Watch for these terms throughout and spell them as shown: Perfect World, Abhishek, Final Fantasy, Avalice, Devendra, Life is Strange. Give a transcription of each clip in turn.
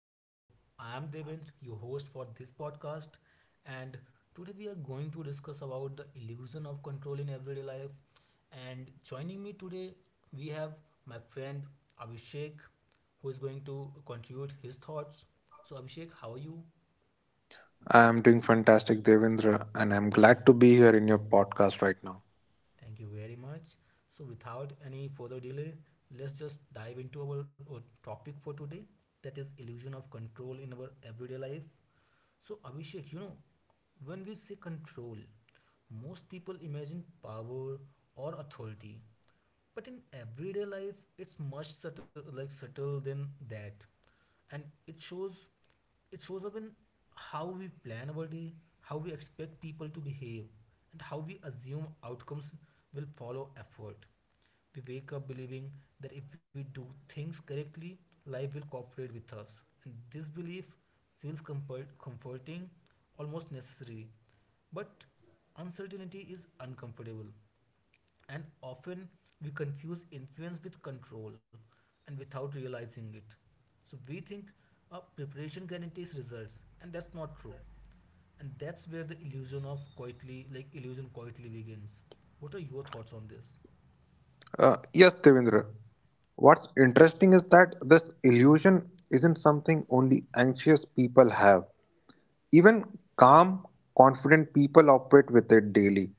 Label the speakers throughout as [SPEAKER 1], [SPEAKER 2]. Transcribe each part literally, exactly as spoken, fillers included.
[SPEAKER 1] So, I am Devendra, your host for this podcast, and today we are going to discuss about the illusion of control in everyday life. And joining me today, we have my friend Abhishek, who is going to contribute his thoughts. So, Abhishek, how are you?
[SPEAKER 2] I am doing fantastic, Devendra, and I'm glad to be here in your podcast right now.
[SPEAKER 1] Thank you very much. So, without any further delay, let's just dive into our uh, topic for today, that is illusion of control in our everyday life. So, Abhishek, you know, when we say control, most people imagine power or authority. But in everyday life, it's much subtle, like subtle than that, and it shows it shows up in how we plan our day, how we expect people to behave, and how we assume outcomes will follow effort. We wake up believing that if we do things correctly, life will cooperate with us, and this belief feels comfort- comforting, almost necessary. But uncertainty is uncomfortable, and often we confuse influence with control, and without realizing it. So we think uh, preparation guarantees results, and that's not true. And that's where the illusion of quietly, like illusion quietly begins. What are your thoughts on this?
[SPEAKER 2] Uh, yes, Devendra, what's interesting is that this illusion isn't something only anxious people have. Even calm, confident people operate with it daily.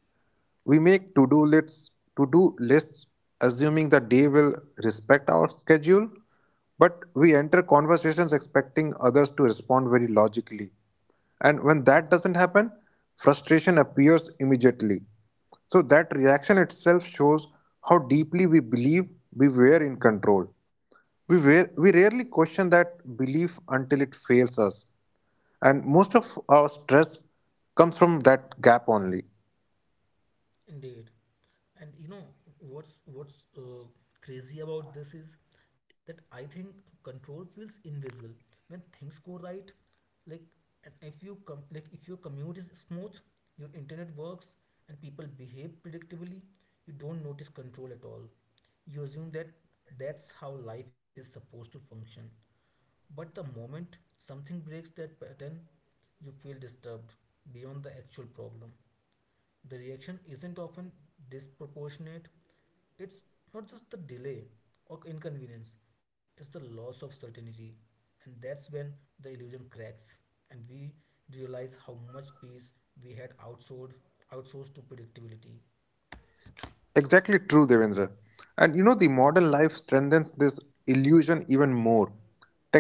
[SPEAKER 2] We make to-do lists, to-do lists assuming the day will respect our schedule, but we enter conversations expecting others to respond very logically. And when that doesn't happen, frustration appears immediately. So that reaction itself shows how deeply we believe we were in control. We, were, we rarely question that belief until it fails us. And most of our stress comes from that gap only.
[SPEAKER 1] Indeed. And you know what's what's uh, crazy about this is that I think control feels invisible when things go right. Like, and if you com- like if your commute is smooth, your internet works, and people behave predictably, you don't notice control at all. You assume that that's how life is supposed to function. But the moment something breaks that pattern, you feel disturbed beyond the actual problem. The reaction isn't often disproportionate. It's not just the delay or inconvenience, it's the loss of certainty. And that's when the illusion cracks and we realize how much peace we had outsourced outsourced to predictability.
[SPEAKER 2] Exactly true, Devendra. And you know, the modern life strengthens this illusion even more.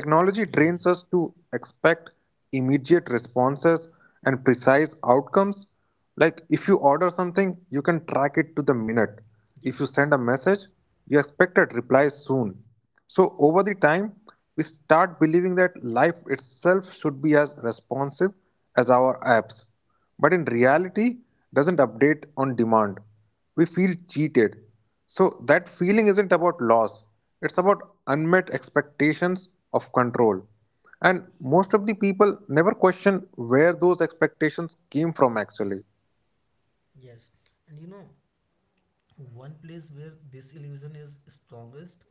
[SPEAKER 1] Yes,
[SPEAKER 2] trains us to expect immediate responses and precise outcomes, like if you order something, you can track it to the minute. If you
[SPEAKER 1] yes,
[SPEAKER 2] send a message, you expect a reply soon. So over the time, we start believing that life itself should be as responsive as our apps. But in reality, doesn't update on demand. We feel cheated. So that feeling isn't about loss. It's about unmet expectations of control. And most of the people never question where those expectations came from actually.
[SPEAKER 1] yes. And you know, one place where this illusion is strongest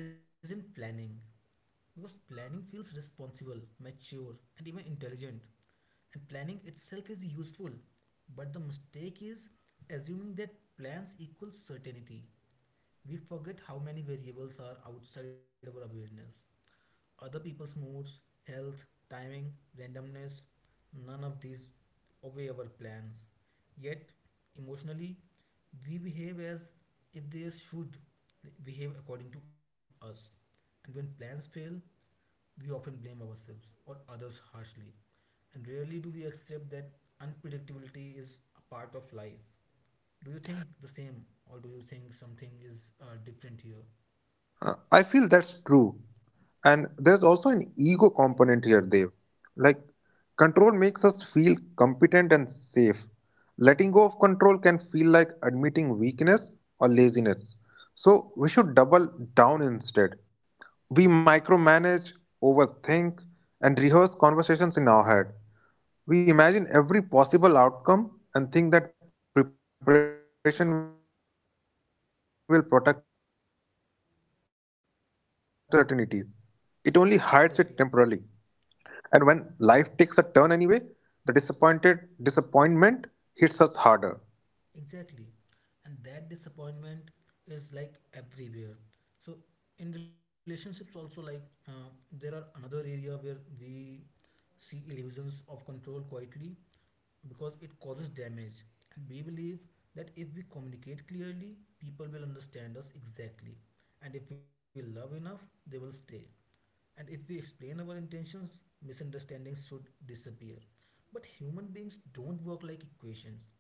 [SPEAKER 1] isn't planning, because planning feels responsible, mature, and even intelligent. And planning itself is useful, but the mistake is assuming that plans equal certainty. We forget how many variables are outside our awareness. Other people's moods, health, timing, randomness, none of these obey our plans. Yet, emotionally, we behave as if they should behave according to us. And when plans fail, we often blame ourselves or others harshly. And rarely do we accept that unpredictability is a part of life. Do you think the same, or do you think something is uh, different here?
[SPEAKER 2] Uh, I feel that's true. And there's also an ego component here, Dev. Like, control makes us feel competent and safe. Letting go of control can feel like admitting weakness or laziness. So, we should double down instead. We micromanage, overthink, and rehearse conversations in our head. We imagine every possible outcome and think that preparation will protect us from the discomfort. But preparation can't eliminate uncertainty, it only hides it temporarily.
[SPEAKER 1] Exactly.
[SPEAKER 2] And when life takes a turn anyway, the disappointed disappointment hits us harder.
[SPEAKER 1] Exactly. And that disappointment is like everywhere. So in relationships also, like uh, there are another area where we see illusions of control quietly because it causes damage. And we believe that if we communicate clearly, people will understand us exactly. And if we love enough, they will stay. And if we explain our intentions, misunderstandings should disappear. But human beings don't work like equations.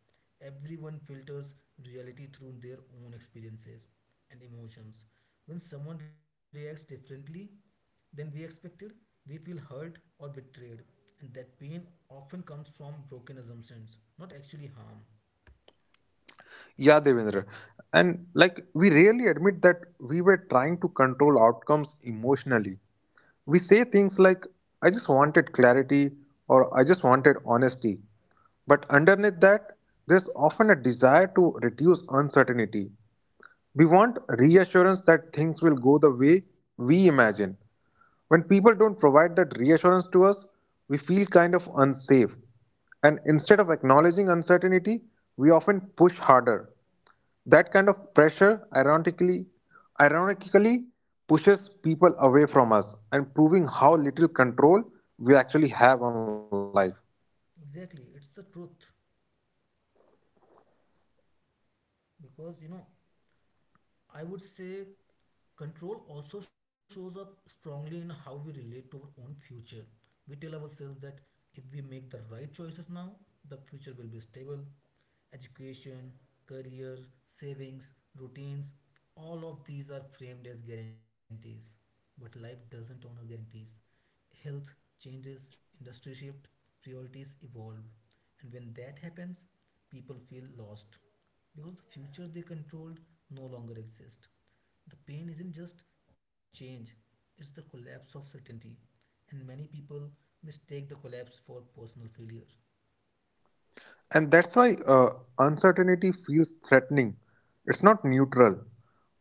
[SPEAKER 1] Everyone filters reality through their own experiences and emotions. When someone reacts differently than we expected, we feel hurt or betrayed, and that pain often comes from broken assumptions, not actually harm.
[SPEAKER 2] Yeah, Devendra. And like we rarely admit that we were trying to control outcomes emotionally. We say things like, I just wanted clarity or I just wanted honesty. But underneath that, there's often a desire to reduce uncertainty. We want reassurance that things will go the way we imagine. When people don't provide that reassurance to us, we feel kind of unsafe. And instead of acknowledging uncertainty, we often push harder. That kind of pressure ironically ironically pushes people away from us and proving how little control we actually have on life.
[SPEAKER 1] Exactly, it's the truth, because you know I would say control also shows up strongly in how we relate to our own future. We tell ourselves that if we make the right choices now, the future will be stable. Education, career, savings, routines, all of these are framed as guarantees. But life doesn't honor guarantees. Health changes, industry shift, priorities evolve. And when that happens, people feel lost because the future they controlled no longer exists. The pain isn't just change, it's the collapse of certainty. And many people mistake the collapse for personal failure.
[SPEAKER 2] And that's why uh, uncertainty feels threatening. It's not neutral.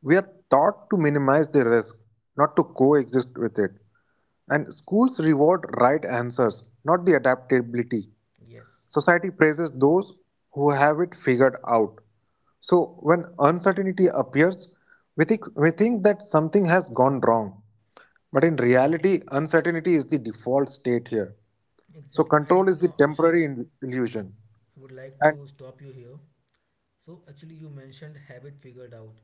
[SPEAKER 2] We are taught to minimize the risk, not to coexist with it. And schools reward right answers, not the adaptability.
[SPEAKER 1] Yes.
[SPEAKER 2] Society praises those who have it figured out. So when uncertainty appears, we think, we think that something has gone wrong. But in reality, uncertainty is the default state here. So
[SPEAKER 1] Exactly. And
[SPEAKER 2] control
[SPEAKER 1] you
[SPEAKER 2] is the
[SPEAKER 1] know, Abhishek,
[SPEAKER 2] temporary il- illusion.
[SPEAKER 1] I would like
[SPEAKER 2] And
[SPEAKER 1] to stop you here. So actually, you mentioned habit figured out.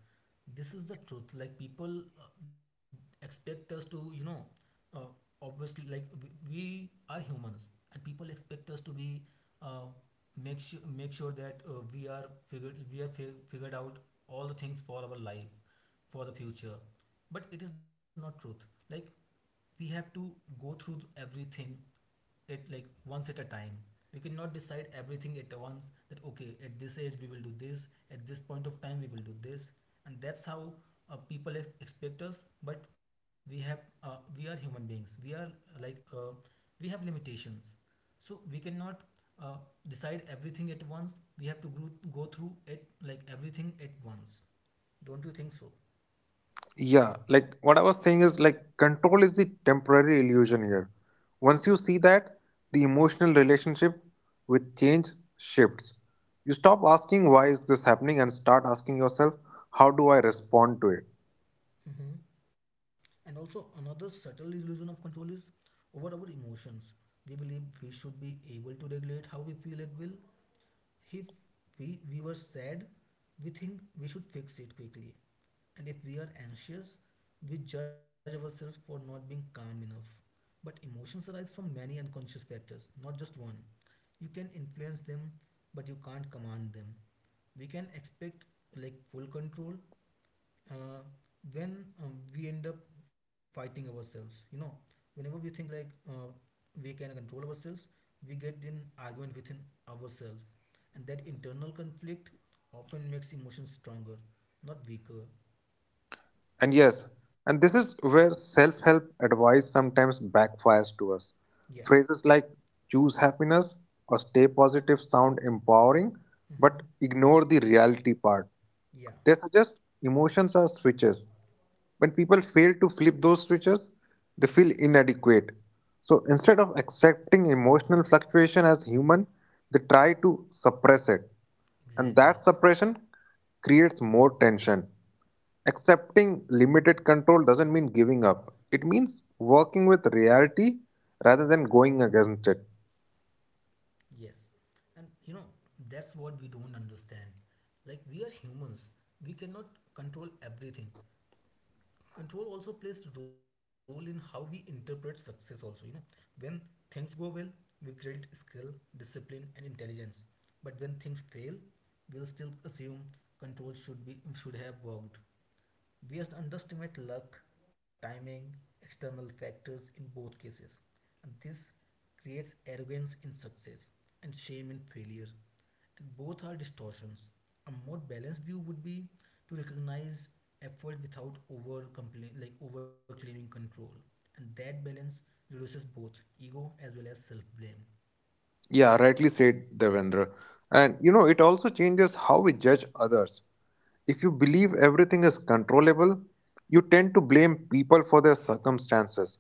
[SPEAKER 1] This is the truth. Like people uh, expect us to, you know, uh, obviously, like we, we are humans, and people expect us to be uh, make sure make sure that uh, we are figured we are fi- figured out all the things for our life, for the future. But it is not truth. Like we have to go through everything it like once at a time. We cannot decide everything at once, that okay, at this age we will do this, at this point of time we will do this, and that's how uh, people ex- expect us. But we have uh, we are human beings. We are uh, like uh, we have limitations, so we cannot uh, decide everything at once. We have to gro- go through it like everything at once. Don't you think so?
[SPEAKER 2] yeah, like what I was saying is like control is the temporary illusion here. Once you see that, the emotional relationship with change shifts. You stop asking why is this happening and start asking yourself, how do I respond to it?
[SPEAKER 1] Mhm. And also, another subtle illusion of control is over our emotions. We believe we should be able to regulate how we feel at will. If we, we were sad, we think we should fix it quickly. And if we are anxious, we judge ourselves for not being calm enough. But emotions arise from many unconscious factors, not just one. You can influence them, but you can't command them. We can expect like full control, uh, when um, we end up fighting ourselves, you know, whenever we think like uh, we can control ourselves, we get in argument within ourselves, and that internal conflict often makes emotions stronger, not weaker.
[SPEAKER 2] And yes, and this is where self help advice sometimes backfires to us.
[SPEAKER 1] Yeah.
[SPEAKER 2] Phrases like choose happiness or stay positive sound empowering,
[SPEAKER 1] Mm-hmm.
[SPEAKER 2] but ignore the reality part.
[SPEAKER 1] Yeah.
[SPEAKER 2] They suggest emotions are switches. When people fail to flip those switches, they feel inadequate. So instead of accepting emotional fluctuation as human, they try to suppress it. And that
[SPEAKER 1] Exactly.
[SPEAKER 2] suppression creates more tension. Accepting limited control doesn't mean giving up, it means working with reality rather than going against it.
[SPEAKER 1] Yes. And you know, that's what we don't understand, like we are humans, we cannot control everything. Control also plays a role in how we interpret success also, you know, when things go well we credit skill, discipline, and intelligence, but when things fail we'll still assume control should be should have worked. We just underestimate luck, timing, external factors in both cases. And this creates arrogance in success and shame in failure. And both are distortions. A more balanced view would be to recognize effort without over like over claiming control. And that balance reduces both ego as well as self blame.
[SPEAKER 2] Yeah, rightly said, Devendra. And you know, it also changes how we judge others. If you believe everything is controllable, you tend to blame people for their circumstances.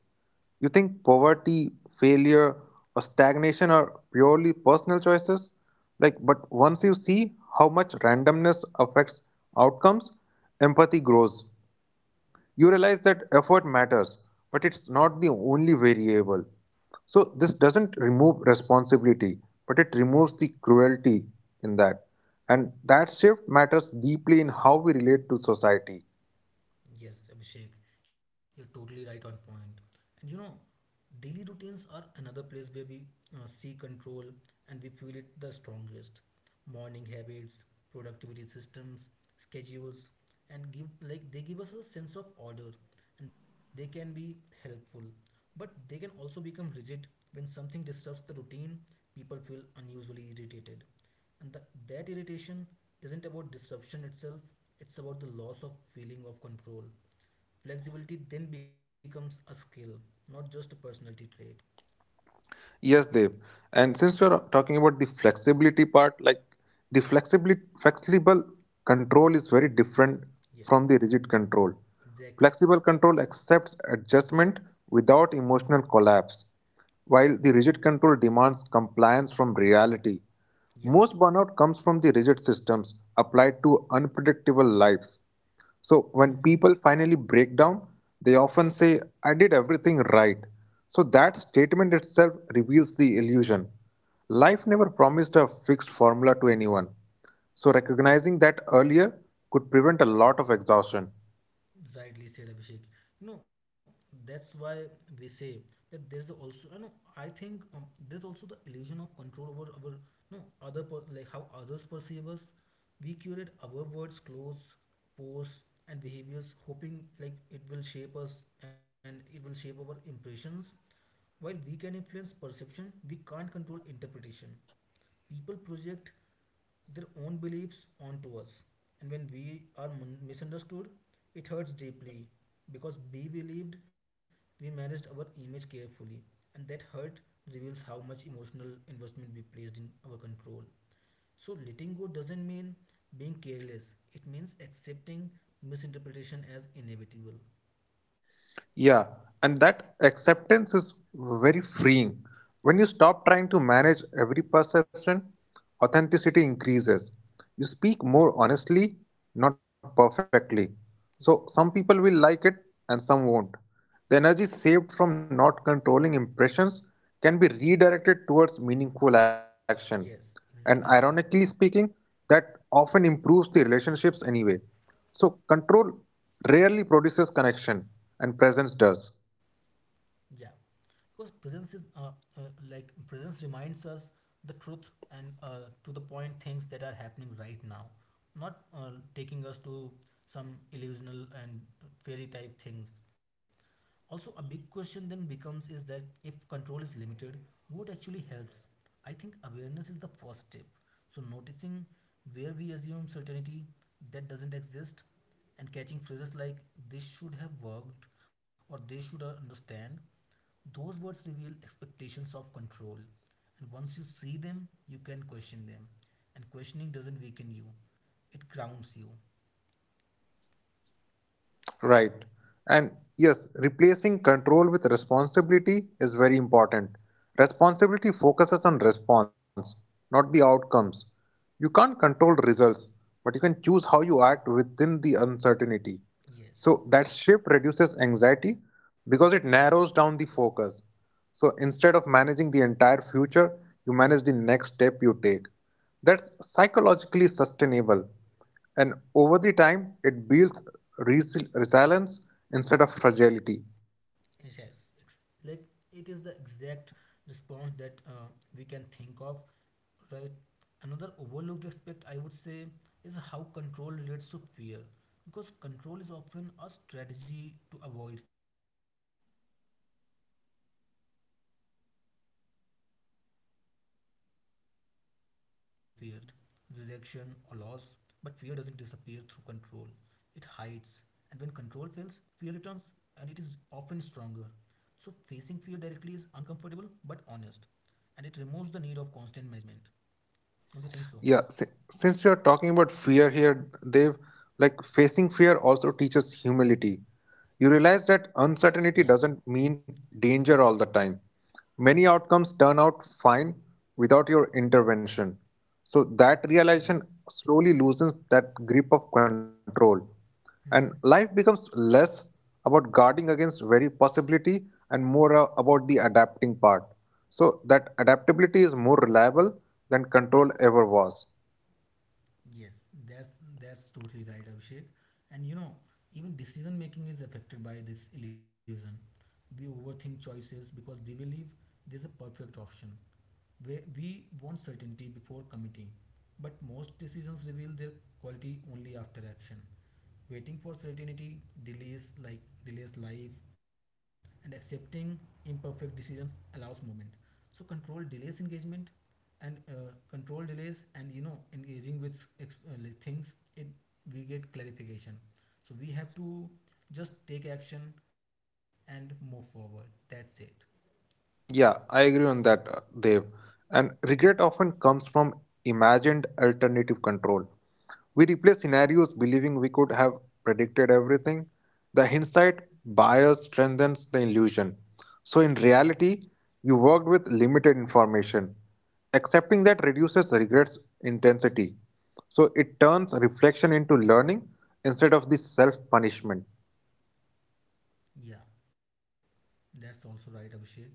[SPEAKER 2] You think poverty, failure, or stagnation are purely personal choices. Like, but once you see how much randomness affects outcomes, empathy grows. You realize that effort matters, but it's not the only variable. So this doesn't remove responsibility, but it removes the cruelty in that. And that shift matters deeply in how we relate to society.
[SPEAKER 1] Yes, Abhishek, you're totally right on point. And you know, daily routines are another place where we uh, see control and we feel it the strongest. Morning habits, productivity systems, schedules, and give like they give us a sense of order, and they can be helpful. But they can also become rigid. When something disturbs the routine, people feel unusually irritated. And the, that irritation isn't about disruption itself, it's about the loss of feeling of control. Flexibility then becomes a skill, not just a personality trait.
[SPEAKER 2] Yes, Dev. And since we're talking about the flexibility part, like the flexibility, flexible control is very different
[SPEAKER 1] Yes,
[SPEAKER 2] from the rigid control.
[SPEAKER 1] exactly.
[SPEAKER 2] Flexible control accepts adjustment without emotional collapse, while the rigid control demands compliance from reality.
[SPEAKER 1] Yeah.
[SPEAKER 2] Most burnout comes from the rigid systems applied to unpredictable lives. So when
[SPEAKER 1] Mhm.
[SPEAKER 2] people finally break down, they often say, I did everything right. So that statement itself reveals the illusion. Life never promised a fixed formula to anyone. So recognizing that earlier could prevent a lot of exhaustion.
[SPEAKER 1] Rightly said, Abhishek. You know, that's why we say that there's also, you know, I think um, there's also the illusion of control over our, you know, other per- like how others perceive us. We curate our words, clothes, posts, and behaviors, hoping like it will shape us and it will shape our impressions. While we can influence perception, we can't control interpretation. People project their own beliefs onto us, and when we are mun- misunderstood, it hurts deeply because we believed we managed our image carefully. And that hurt reveals how much emotional investment we placed in our control. So letting go doesn't mean being careless, it means accepting misinterpretation as inevitable.
[SPEAKER 2] Yeah, and that acceptance is very freeing. When you stop trying to manage every perception, authenticity increases. You speak more honestly, not perfectly. So,
[SPEAKER 1] Yeah.
[SPEAKER 2] some people will like it and some won't. The energy saved from not controlling impressions can be redirected towards meaningful action. And
[SPEAKER 1] Yes,
[SPEAKER 2] ironically
[SPEAKER 1] exactly.
[SPEAKER 2] speaking, that often improves the relationships anyway. So, control rarely produces connection, and presence does.
[SPEAKER 1] Yeah, because presence is uh, uh, like presence reminds us the truth and uh, to the point things that are happening right now, not uh, taking us to some illusional and fairy type things. Also, a big question then becomes is that if control is limited, what actually helps? I think awareness is the first step. So, noticing where we assume certainty that doesn't exist, and catching phrases like this should have worked or they should uh, understand, those words reveal expectations of control. And once you see them, you can question them. And questioning doesn't weaken you, it grounds you.
[SPEAKER 2] Right. And yes, replacing control with responsibility is very important. Responsibility focuses on response, not the outcomes. You can't control results, but you can choose how you act within the uncertainty.
[SPEAKER 1] Yes.
[SPEAKER 2] So that shift reduces anxiety because it narrows down the focus. So instead of managing the entire future, you manage the next step you take. That's psychologically sustainable and over the time, it builds resi- resilience instead of fragility.
[SPEAKER 1] Yes, it's like it is the exact response that uh, we can think of, right? Another overlooked aspect I would say is how control relates to fear, because control is often a strategy to avoid fear, not to solve problems. We control to avoid disappointment, rejection, or loss, but fear doesn't disappear through control. It hides, and when control fails, fear returns and it is often stronger. So, facing fear directly is uncomfortable but honest, and it removes the need of constant management. Don't you think so?
[SPEAKER 2] Yeah, si- since you're talking about fear here, Dev, like facing fear also teaches humility. You realize that
[SPEAKER 1] Yeah,
[SPEAKER 2] uncertainty doesn't mean danger all the time. Many outcomes turn out fine without your intervention. So that
[SPEAKER 1] yeah.
[SPEAKER 2] realization slowly loosens that grip of control, and
[SPEAKER 1] Hmm.
[SPEAKER 2] life becomes less about guarding against very possibility and more uh, about the adapting part. So that adaptability is more reliable than control ever was.
[SPEAKER 1] Yes, that's that's totally right, Abhishek. And you know, even decision making is affected by this illusion. We overthink choices because we believe there's a perfect option. We, we want certainty before committing, but most decisions reveal their quality only after action. Waiting for certainty delays like delays life, and accepting imperfect decisions allows movement. So control delays engagement, and uh, control delays, and you know engaging with ex- uh, like things, it we get clarification. So we have to just take action and move forward. That's it.
[SPEAKER 2] Yeah, I agree on that, uh, Dev. And regret often comes from imagined alternative control. We replay scenarios believing we could have predicted everything. The hindsight bias strengthens the illusion. So, in reality, you worked with limited information. Accepting that reduces regrets intensity. So, it turns reflection into learning instead of the self punishment.
[SPEAKER 1] Yeah. That's also right, Abhishek. You know,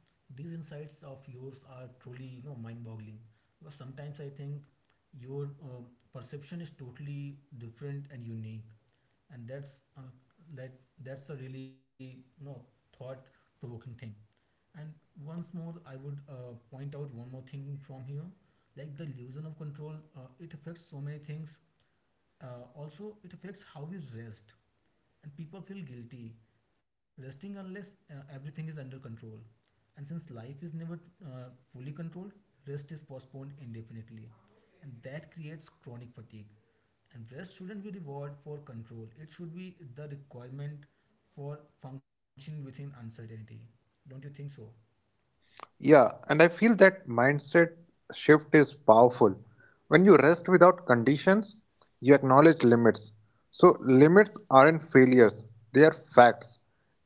[SPEAKER 1] these insights of yours are truly, you know, mind-boggling. Because sometimes I think your uh, perception is totally different and unique, and that's uh, that that's a really, you know, thought-provoking thing. And once more, I would uh, point out one more thing from here, like the illusion of control. Uh, it affects so many things. Uh, also, it affects how we rest and people feel guilty resting unless uh, everything is under control. And since life is never uh, fully controlled, rest is postponed indefinitely, and that creates chronic fatigue. And rest shouldn't be reward for control; it should be the requirement for functioning within uncertainty. Don't you think so?
[SPEAKER 2] Yeah, and I feel that mindset shift is powerful. When you rest without conditions, you acknowledge limits. So, limits aren't failures, they are facts.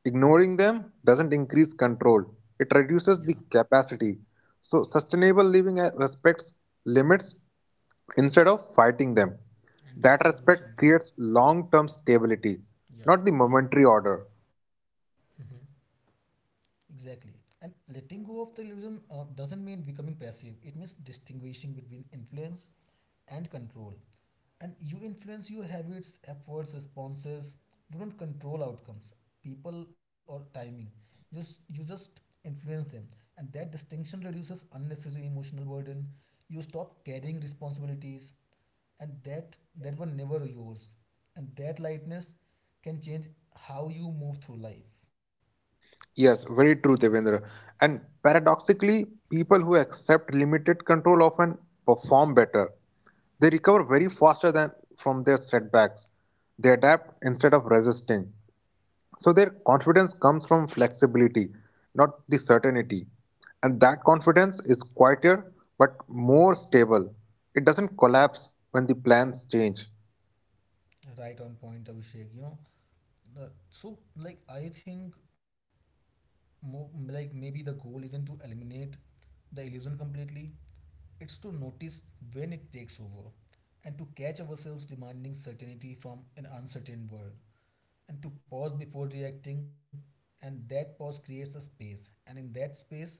[SPEAKER 2] Ignoring them doesn't increase control, it
[SPEAKER 1] Yeah,
[SPEAKER 2] reduces the capacity. So, sustainable living uh, respects limits instead of fighting them.
[SPEAKER 1] and
[SPEAKER 2] That
[SPEAKER 1] that's what we should
[SPEAKER 2] respect
[SPEAKER 1] do.
[SPEAKER 2] creates long term stability,
[SPEAKER 1] Yeah.
[SPEAKER 2] not the momentary order.
[SPEAKER 1] Hmm. Exactly. And letting go of the illusion uh, doesn't mean becoming passive. It means distinguishing between influence and control. And you influence your habits, efforts, responses. You don't control outcomes, people, or timing. just, you just influence them. And that distinction reduces unnecessary emotional burden. You stop carrying responsibilities and that that were never yours. And that lightness can change how you move through life.
[SPEAKER 2] Yes, very true, Devendra. And paradoxically, people who accept limited control often perform better. They recover very faster than from their setbacks. They adapt instead of resisting. So their confidence comes from flexibility, not the certainty. And that confidence is quieter but more stable. It doesn't collapse when the plans change.
[SPEAKER 1] Right on point, Abhishek. You know, the, so like I think mo- like maybe the goal isn't to eliminate the illusion completely. It's to notice when it takes over, and to catch ourselves demanding certainty from an uncertain world, and to pause before reacting. And that pause creates a space, and in that space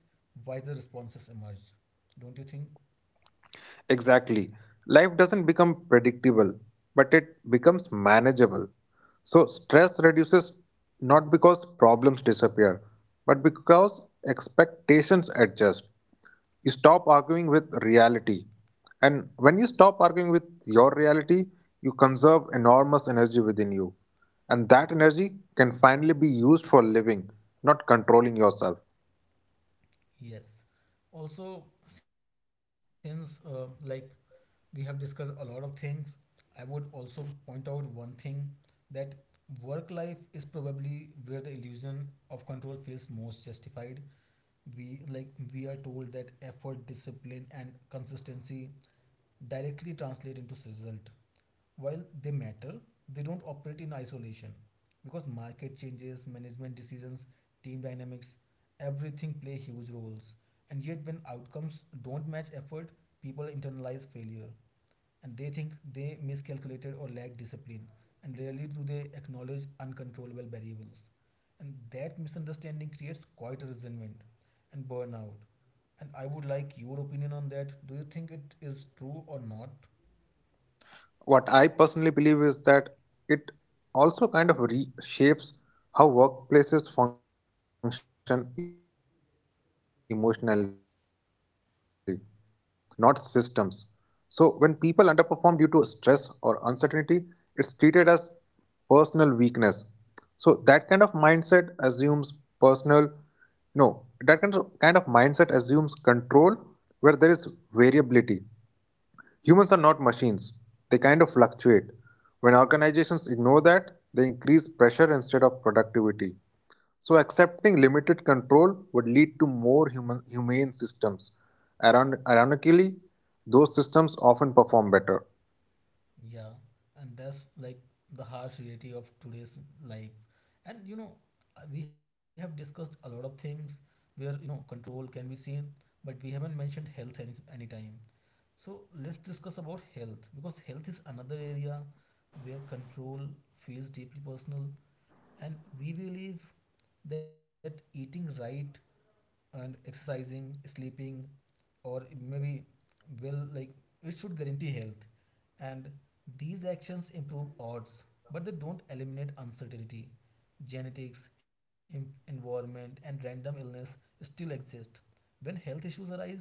[SPEAKER 1] wiser responses emerge. Don't you think?
[SPEAKER 2] Exactly. Life doesn't become predictable, but it becomes manageable. So, stress reduces not because problems disappear, but because expectations adjust. You stop arguing with reality. And when you stop arguing with your reality, you conserve enormous energy within you. And that energy can finally be used for living, not controlling yourself.
[SPEAKER 1] Yes. Also, since uh, like we have discussed a lot of things, I would also point out one thing that work life is probably where the illusion of control feels most justified. We like we are told that effort, discipline, and consistency directly translate into result. While they matter, they don't operate in isolation because market changes, management decisions, team dynamics, everything play huge roles. And yet, when outcomes don't match effort, people internalize failure and they think they miscalculated or lack discipline, and rarely do they acknowledge uncontrollable variables. And that misunderstanding creates quite a resentment and burnout. And I would like your opinion on that. Do you think it is true or not?
[SPEAKER 2] What I personally believe is that it also kind of reshapes how workplaces function emotionally. Managers often expect predictable performance from humans, not systems. So, when people underperform due to stress or uncertainty, it's treated as personal weakness. So, that kind of mindset assumes personal, no, that kind of, kind of mindset assumes control where there is variability. Humans are not machines, they kind of fluctuate. When organizations ignore that, they increase pressure instead of productivity. So, accepting limited control would lead to more human, humane systems. Iron- Ironically, those systems often perform better.
[SPEAKER 1] Yeah, and that's like the harsh reality of today's life. And you know, uh, we have discussed a lot of things where you know control can be seen, but we haven't mentioned health any anytime. So let's discuss about health because health is another area where control feels deeply personal, and we believe that eating right and exercising, sleeping, or maybe will like it should guarantee health. And these actions improve odds, but they don't eliminate uncertainty. Genetics em- environment, and random illness still exist. When health issues arise,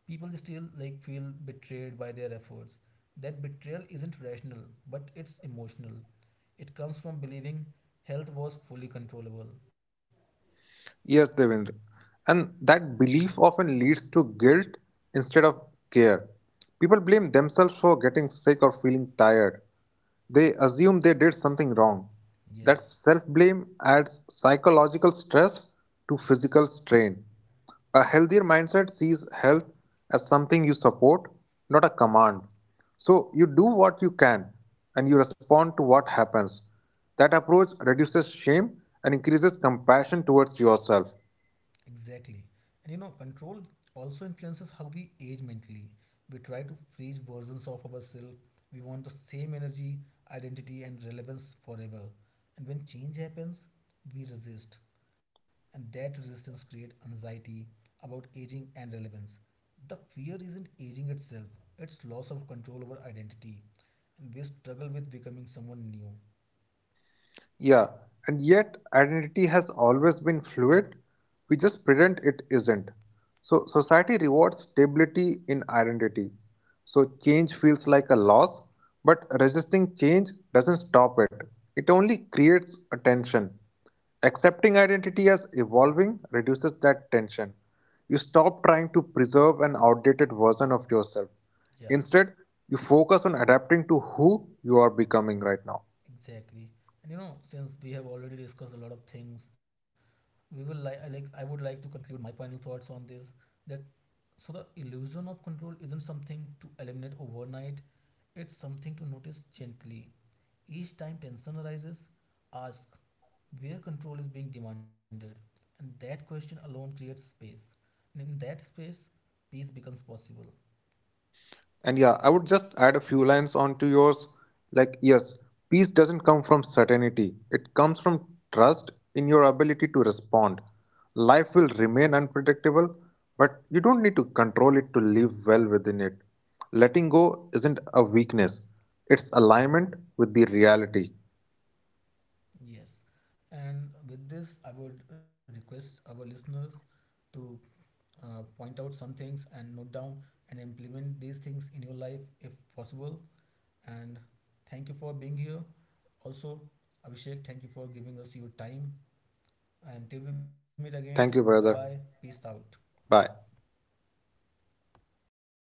[SPEAKER 1] people still like feel betrayed by their efforts. That betrayal isn't rational, but it's emotional. It comes from believing health was fully controllable.
[SPEAKER 2] Yes, Devendra. And that belief often leads to guilt instead of care. People blame themselves for getting sick or feeling tired. They assume they did something wrong. That
[SPEAKER 1] Yes.
[SPEAKER 2] self blame adds psychological stress to physical strain. A healthier mindset sees health as something you support, not a command. So you do what you can and you respond to what happens. That approach reduces shame and increases compassion towards yourself.
[SPEAKER 1] Exactly. And you know, control also influences how we age mentally. We try to freeze versions of ourselves. We want the same energy, identity, and relevance forever. And when change happens, we resist. And that resistance creates anxiety about aging and relevance. The fear isn't aging itself, it's loss of control over identity. And we struggle with becoming someone new.
[SPEAKER 2] Yeah, and yet identity has always been fluid. We just pretend it isn't. So, society rewards stability in identity. So, change feels like a loss, but resisting change doesn't stop it. It only creates a tension. Accepting identity as evolving reduces that tension. You stop trying to preserve an outdated version of yourself.
[SPEAKER 1] Yeah,
[SPEAKER 2] Instead, you focus on adapting to who you are becoming right now.
[SPEAKER 1] exactly. And you know, since we have already discussed a lot of things, we will like I like I would like to conclude my final thoughts on this, that so the illusion of control isn't something to eliminate overnight, it's something to notice gently. Each time tension arises, ask where control is being demanded. And that question alone creates space, and in that space peace becomes possible.
[SPEAKER 2] And yeah, I would just add a few lines onto yours. Like, yes, peace doesn't come from certainty, it comes from trust in your ability to respond. Life will remain unpredictable, but you don't need to control it to live well within it. Letting go isn't a weakness, it's alignment with the reality.
[SPEAKER 1] Yes, and with this I would request our listeners to uh, point out some things and note down and implement these things in your life if possible. And thank you for being here. Also, Abhishek, thank you for giving us your time. And till we meet again, bye
[SPEAKER 2] Thank you,
[SPEAKER 1] bye.
[SPEAKER 2] brother.
[SPEAKER 1] Peace out.
[SPEAKER 2] Bye.